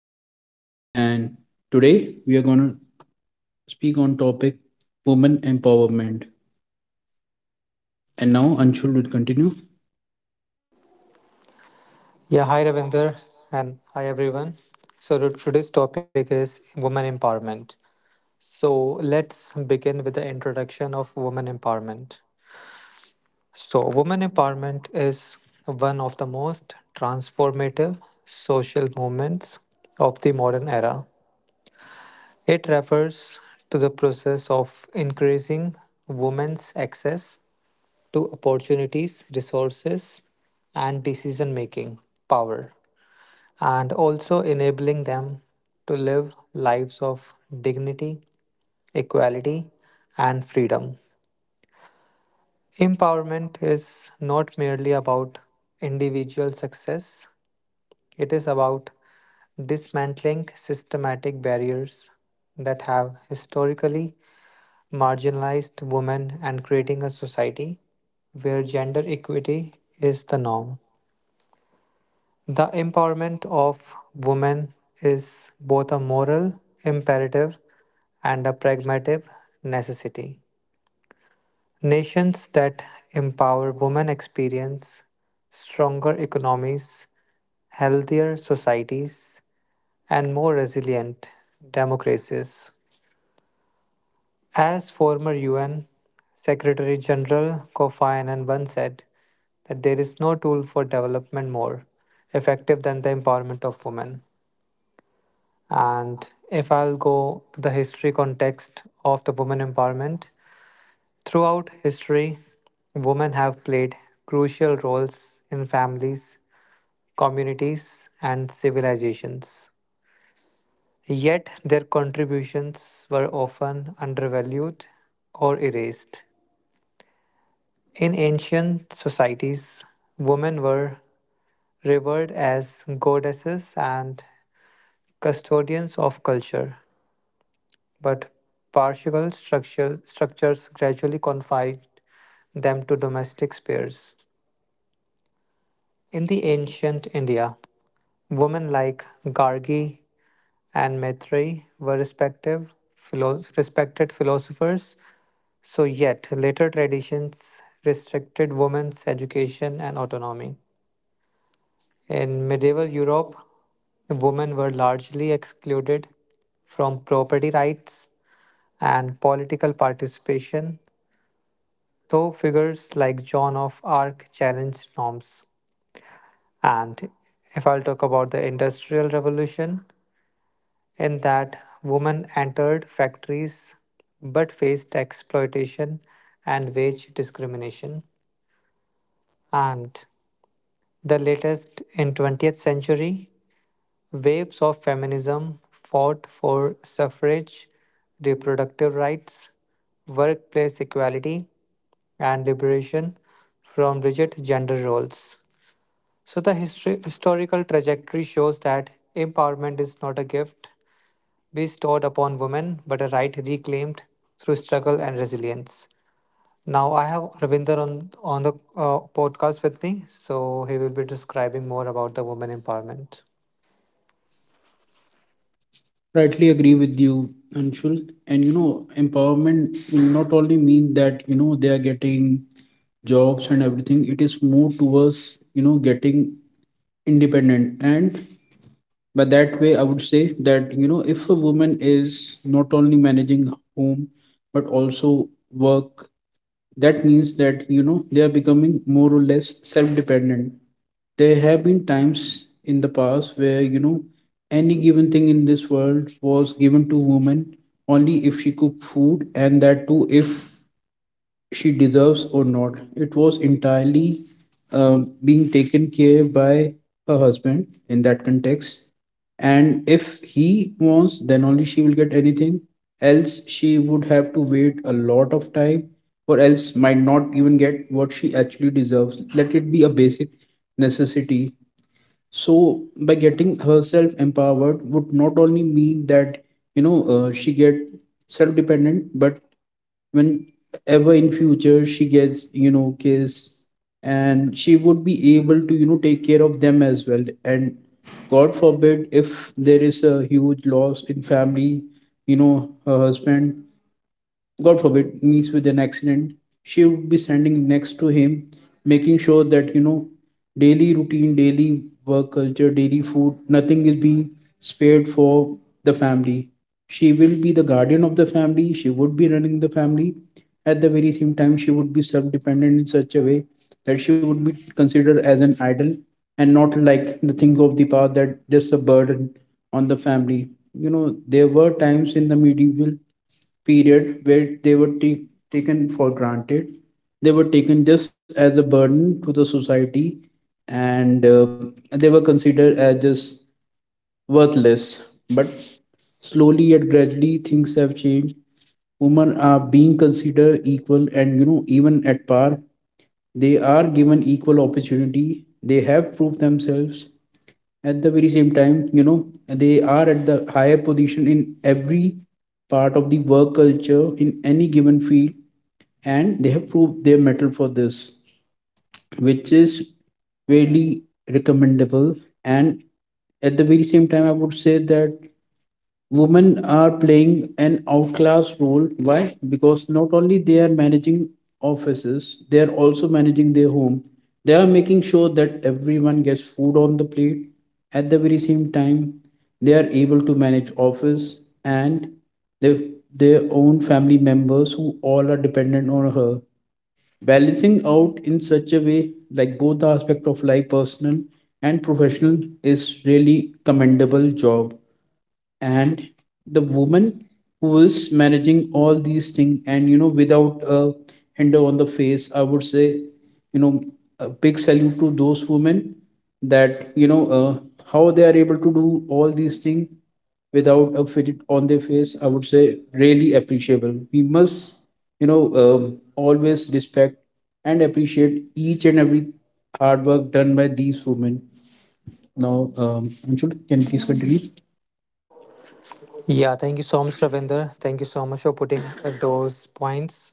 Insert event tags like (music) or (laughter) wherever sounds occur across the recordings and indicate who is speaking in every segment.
Speaker 1: Vora, and today we are going to speak on topic women empowerment, and now Anshul will continue.
Speaker 2: Yeah, hi Ravinder and hi everyone. Today's topic is women empowerment. So let's begin with the introduction of women empowerment. So women empowerment is one of the most transformative social movements of the modern era. It refers to the process of increasing women's access to opportunities, resources, and decision making power, and also enabling them to live lives of dignity, equality, and freedom. Empowerment is not merely about individual success, it is about dismantling systematic barriers that have historically marginalized women and creating a society where gender equity is the norm. The empowerment of women is both a moral imperative and a pragmatic necessity. Nations that empower women experience stronger economies, healthier societies, and more resilient democracies. As former UN Secretary General Kofi Annan once said, that there is no tool for development more effective than the empowerment of women. And if I'll go to the history context of the women empowerment, throughout history, women have played crucial roles in families, communities, and civilizations. Yet their contributions were often undervalued or erased. In ancient societies, women were revered as goddesses and custodians of culture, but structures gradually confined them to domestic spheres. In the ancient India, women like Gargi and Maitreyi were respected philosophers, so yet later traditions restricted women's education and autonomy. In medieval Europe, women were largely excluded from property rights and political participation, though figures like Joan of Arc challenged norms. And if I'll talk about the Industrial Revolution, in that women entered factories but faced exploitation and wage discrimination. And the latest in 20th century, waves of feminism fought for suffrage, reproductive rights, workplace equality, and liberation from rigid gender roles. So, the historical trajectory shows that empowerment is not a gift bestowed upon women, but a right reclaimed through struggle and resilience. Now, I have Ravinder on the podcast with me, so he will be describing more about the women empowerment.
Speaker 1: Rightly agree with you Anshul, and you know empowerment will not only mean that you know they are getting jobs and everything. It is more towards you know getting independent. And but that way, I would say that, you know, if a woman is not only managing home but also work, that means that, you know, they are becoming more or less self dependent. There have been times in the past where, you know, any given thing in this world was given to woman only if she cooked food, and that too if she deserves or not. It was entirely being taken care by her husband in that context. And if he wants, then only she will get anything. Else, she would have to wait a lot of time, or else might not even get what she actually deserves. Let it be a basic necessity. So, by getting herself empowered, would not only mean that she get self-dependent, but whenever in future she gets you know kids, and she would be able to you know take care of them as well. And god forbid if there is a huge loss in family, you know, her husband, god forbid, meets with an accident, she would be standing next to him, making sure that, you know, daily routine, daily work culture, daily food, nothing is being spared for the family. She will be the guardian of the family, she would be running the family. At the very same time, she would be self dependent in such a way that she would be considered as an idol and not like the thing of the past that just a burden on the family. You know, there were times in the medieval period where they were taken for granted. They were taken just as a burden to the society, and they were considered as just worthless. But slowly yet gradually, things have changed. Women are being considered equal and, you know, even at par. They are given equal opportunity. They have proved themselves. At the very same time, you know, they are at the higher position in every part of the work culture in any given field, and they have proved their metal for this, which is really recommendable. And at the very same time, I would say that women are playing an outclass role. Why? Because not only they are managing offices, they are also managing their home. They are making sure that everyone gets food on the plate. At the very same time, they are able to manage office and their, their own family members who all are dependent on her. Balancing out in such a way, like both the aspect of life, personal and professional, is really commendable job. And the woman who is managing all these things and you know without a hinder on the face, I would say, you know, a big salute to those women, that how they are able to do all these things without a fidget on their face, I would say really appreciable. We must you know always respect and appreciate each and every hard work done by these women. Now Anshul, can you please continue?
Speaker 2: Yeah, thank you so much, Ravinder. Thank you so much for putting (coughs) those points.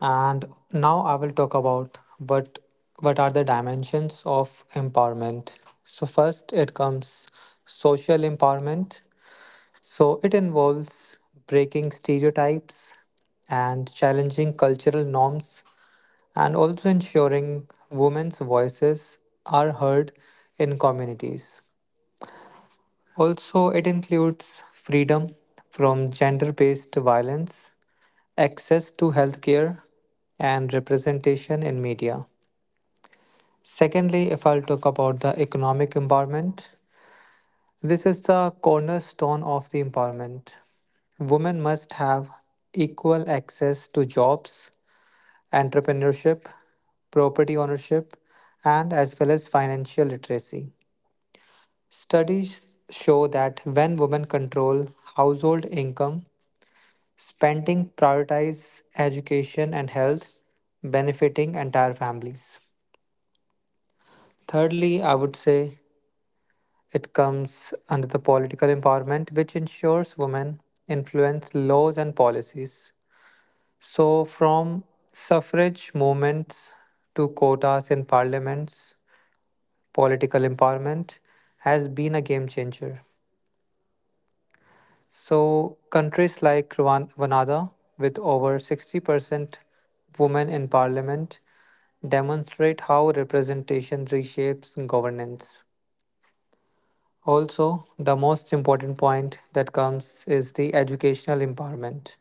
Speaker 2: And now I will talk about what are the dimensions of empowerment. So first, it comes social empowerment. So it involves breaking stereotypes and challenging cultural norms, and also ensuring women's voices are heard in communities. Also, it includes freedom from gender based violence, access to healthcare, and representation in media. Secondly, if I'll talk about the economic empowerment, this is the cornerstone of the empowerment. Women must have equal access to jobs, entrepreneurship, property ownership, and as well as financial literacy. Studies show that when women control household income, spending prioritize education and health, benefiting entire families. Thirdly, I would say it comes under the political empowerment, which ensures women influence laws and policies. So, from suffrage movements to quotas in parliaments, political empowerment has been a game changer. So, countries like Rwanda, with over 60% women in parliament, demonstrate how representation reshapes governance. Also, the most important point that comes is the educational empowerment.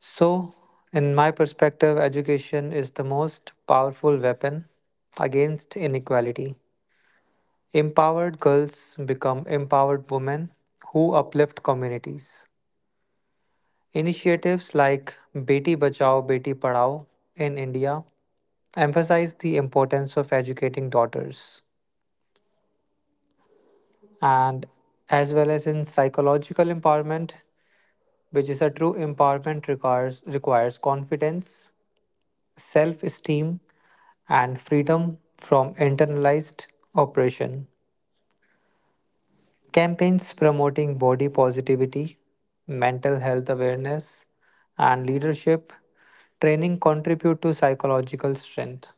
Speaker 2: So, in my perspective, education is the most powerful weapon against inequality. Empowered girls become empowered women who uplift communities. Initiatives like Beti Bachao Beti Padhao in India emphasize the importance of educating daughters, and as well as in psychological empowerment, which is a true empowerment requires confidence, self-esteem, and freedom from internalized oppression. Campaigns promoting body positivity, mental health awareness, and leadership training contribute to psychological strength.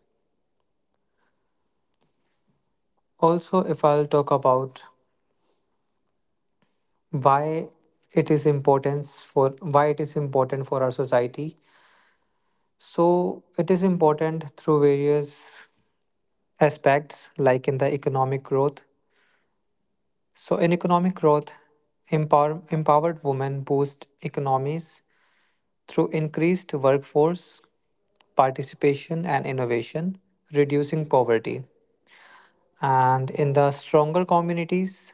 Speaker 2: Also, if I'll talk about why it is importance for why it is important for our society. So it is important through various aspects like in the economic growth. So in economic growth, empowered women boost economies through increased workforce participation and innovation, reducing poverty. And in the stronger communities,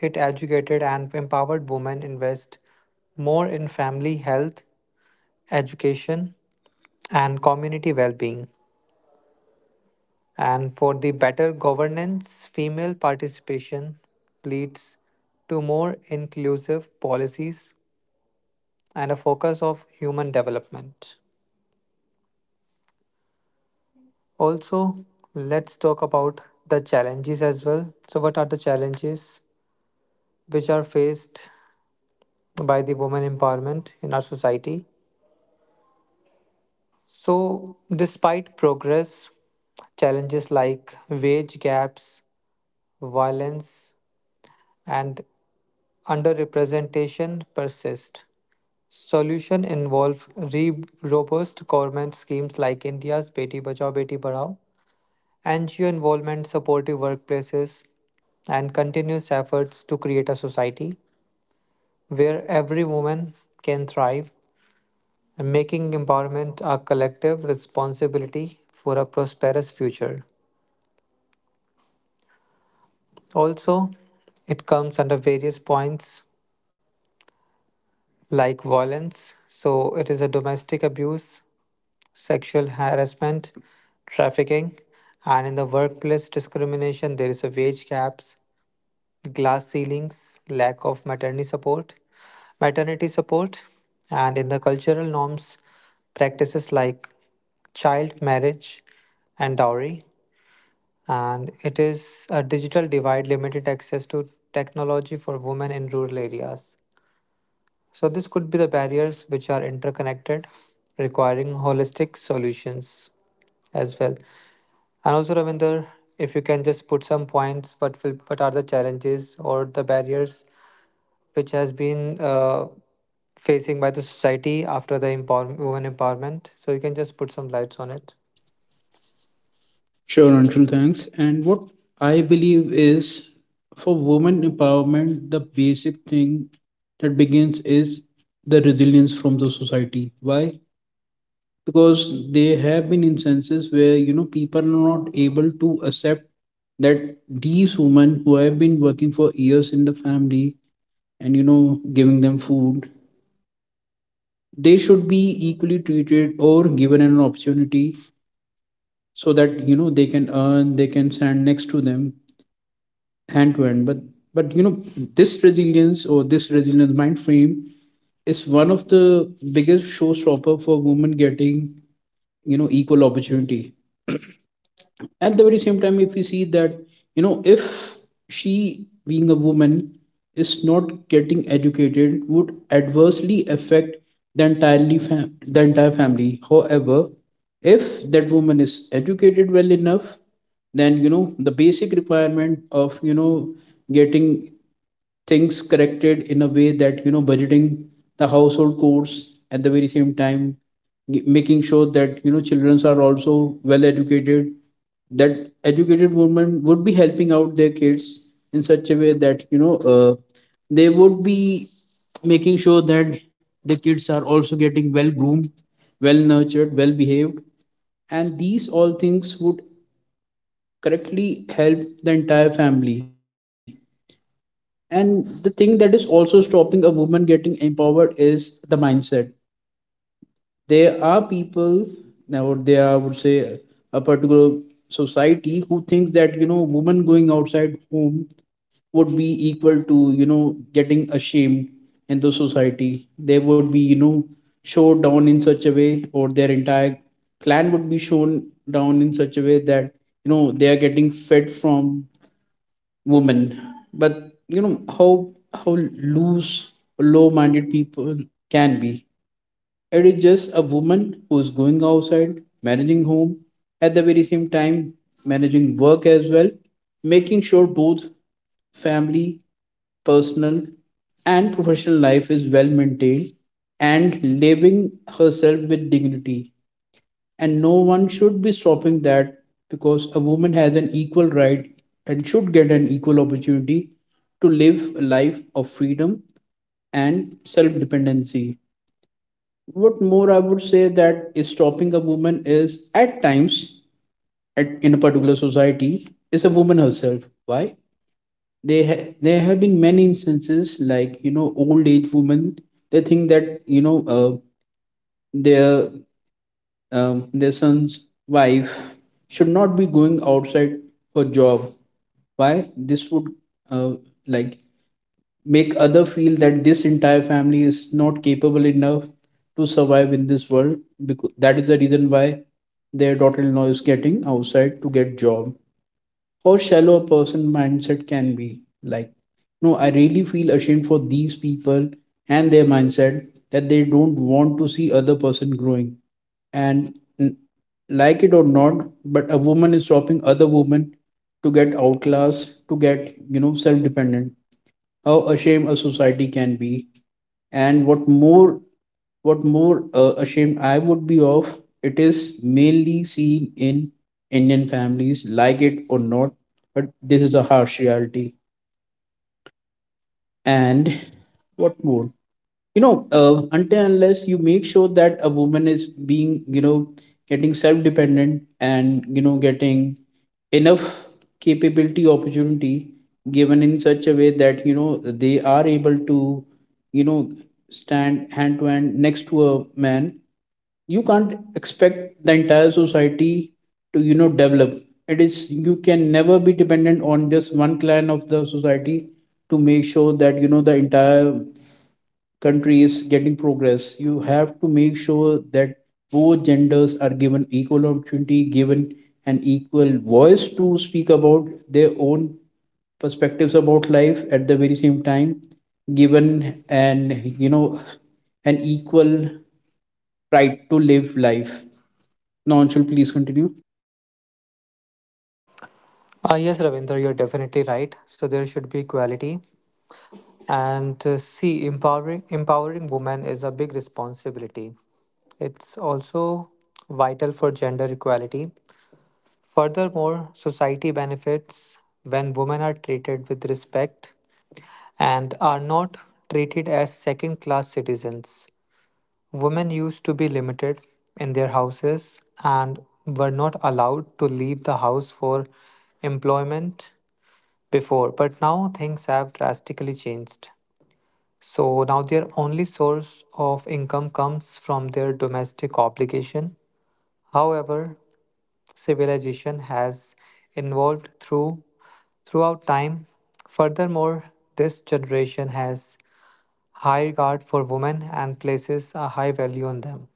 Speaker 2: it educated and empowered women invest more in family health, education, and community well-being. And for the better governance, female participation leads to more inclusive policies and a focus of human development. Also, let's talk about the challenges as well. So, what are the challenges which are faced by the women empowerment in our society? So, despite progress, challenges like wage gaps, violence, and underrepresentation persist. Solution involve robust government schemes like India's Beti Bachao Beti Padhao, NGO involvement, supportive workplaces, and continuous efforts to create a society where every woman can thrive, and making empowerment a collective responsibility for a prosperous future. Also, it comes under various points like violence, so it is a domestic abuse, sexual harassment, trafficking, and in the workplace discrimination, there is a wage gaps, glass ceilings, lack of maternity support, and in the cultural norms, practices like child marriage and dowry. And it is a digital divide, limited access to technology for women in rural areas. So, this could be the barriers which are interconnected, requiring holistic solutions as well. And also, Ravinder, if you can just put some points, what are the challenges or the barriers which has been facing by the society after the women empowerment? So, you can just put some lights on it.
Speaker 1: Sure, Anshul, thanks. And what I believe is, for women empowerment, the basic thing that begins is the resilience from the society. Why? Because there have been instances where you know people are not able to accept that these women who have been working for years in the family and you know giving them food, they should be equally treated or given an opportunity so that you know they can earn, they can stand next to them hand to hand. But you know, this resilience or this resilience mind frame is one of the biggest showstopper for women getting you know equal opportunity. At the very same time, if we see that, you know, if she being a woman is not getting educated would adversely affect the the entire family. However, if that woman is educated well enough, then you know the basic requirement of you know getting things corrected in a way that you know budgeting the household costs. At the very same time, making sure that you know children are also well educated, that educated women would be helping out their kids in such a way that they would be making sure that the kids are also getting well groomed, well nurtured, well behaved, and these all things would correctly help the entire family. And the thing that is also stopping a woman getting empowered is the mindset. There are people, now there are, I would say, a particular society who thinks that you know woman going outside home would be equal to you know getting ashamed in the society. They would be you know showed down in such a way, or their entire clan would be shown down in such a way that you know they are getting fed from women. But you know how loose low-minded people can be. It is just a woman who's going outside managing home at the very same time, managing work as well, making sure both family, personal and professional life is well maintained, and living herself with dignity, and no one should be stopping that, because a woman has an equal right and should get an equal opportunity to live a life of freedom and self dependency. What more I would say that is stopping a woman is at times in a particular society is a woman herself. Why? There have been many instances like you know old age women, they think that their their son's wife should not be going outside for job. Why this would uh, like, make other feel that this entire family is not capable enough to survive in this world, because that is the reason why their daughter-in-law is getting outside to get job. How shallow a person mindset can be. Like, no, I really feel ashamed for these people and their mindset that they don't want to see other person growing. And n- like it or not, but a woman is stopping other women to get outclassed, to get you know self-dependent. How ashamed a society can be, and what more, ashamed I would be of. It is mainly seen in indian families, like it or not, but this is a harsh reality. And what more, until unless you make sure that a woman is being you know getting self-dependent, and you know getting enough capability opportunity given in such a way that you know they are able to you know stand hand to hand next to a man, you can't expect the entire society to you know develop. It is, you can never be dependent on just one clan of the society to make sure that you know the entire country is getting progress. You have to make sure that both genders are given equal opportunity, given an equal voice to speak about their own perspectives about life. At the very same time, given and you know an equal right to live life. Now, Anshul, please continue.
Speaker 2: Yes, Ravinder, you're definitely right. So there should be equality. And see, empowering women is a big responsibility. It's also vital for gender equality. Furthermore, society benefits when women are treated with respect and are not treated as second class citizens. Women used to be limited in their houses and were not allowed to leave the house for employment before, but now things have drastically changed. So now their only source of income comes from their domestic obligation. However, civilization has evolved through throughout time. Furthermore, this generation has high regard for women and places a high value on them.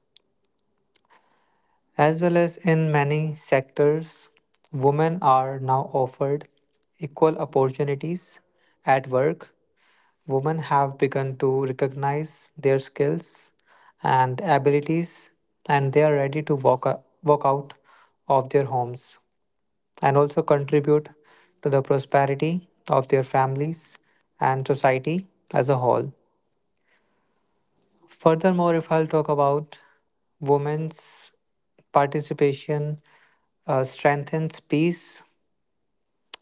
Speaker 2: As well as in many sectors, women are now offered equal opportunities at work. Women have begun to recognize their skills and abilities and they are ready to walk out of their homes, and also contribute to the prosperity of their families and society as a whole. Furthermore, if I'll talk about women's participation, strengthens peace,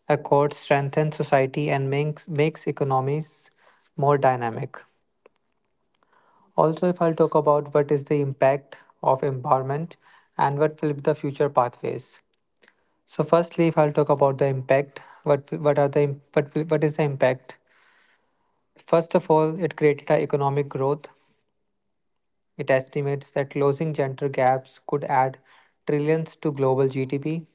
Speaker 2: accord strengthens society, and makes economies more dynamic. Also, if I'll talk about what is the impact of empowerment and what will be the future pathways. So, firstly, if I'll talk about the impact, what are the what will- what is the impact. First of all, it created a economic growth. It estimates that closing gender gaps could add trillions to global GDP.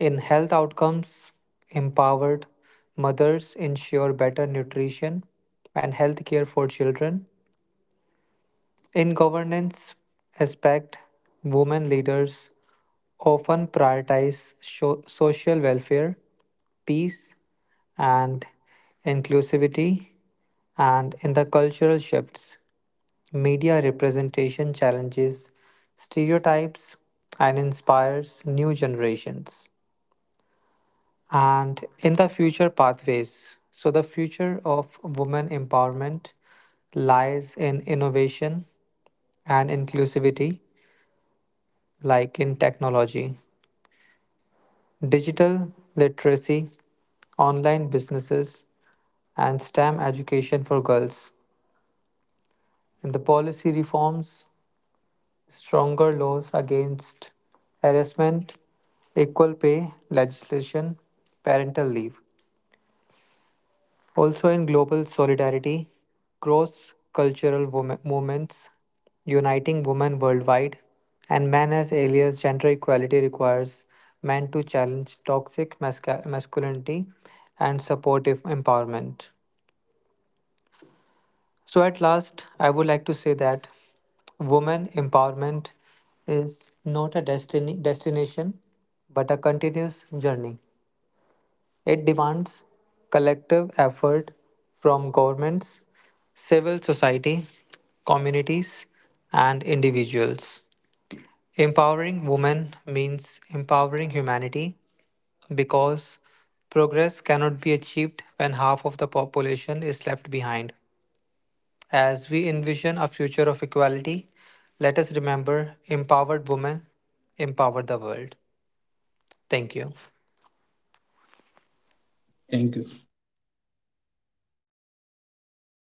Speaker 2: In health outcomes, empowered mothers ensure better nutrition and health care for children. In governance aspect, women leaders often prioritize social welfare, peace, and inclusivity. And in the cultural shifts, media representation challenges stereotypes and inspires new generations. And in the future pathways, so the future of women empowerment lies in innovation and inclusivity, like in technology, digital literacy, online businesses, and STEM education for girls. And the policy reforms stronger laws against harassment, equal pay legislation, parental leave. Also, in global solidarity, cross cultural movements uniting women worldwide, and men as alias gender equality requires men to challenge toxic masculinity and supportive empowerment. So, at last, I would like to say that women empowerment is not a destination, but a continuous journey. It demands collective effort from governments, civil society, communities, and individuals. Empowering women means empowering humanity because progress cannot be achieved when half of the population is left behind. As we envision a future of equality, let us remember empowered women empower the world. Thank you.
Speaker 1: Thank you.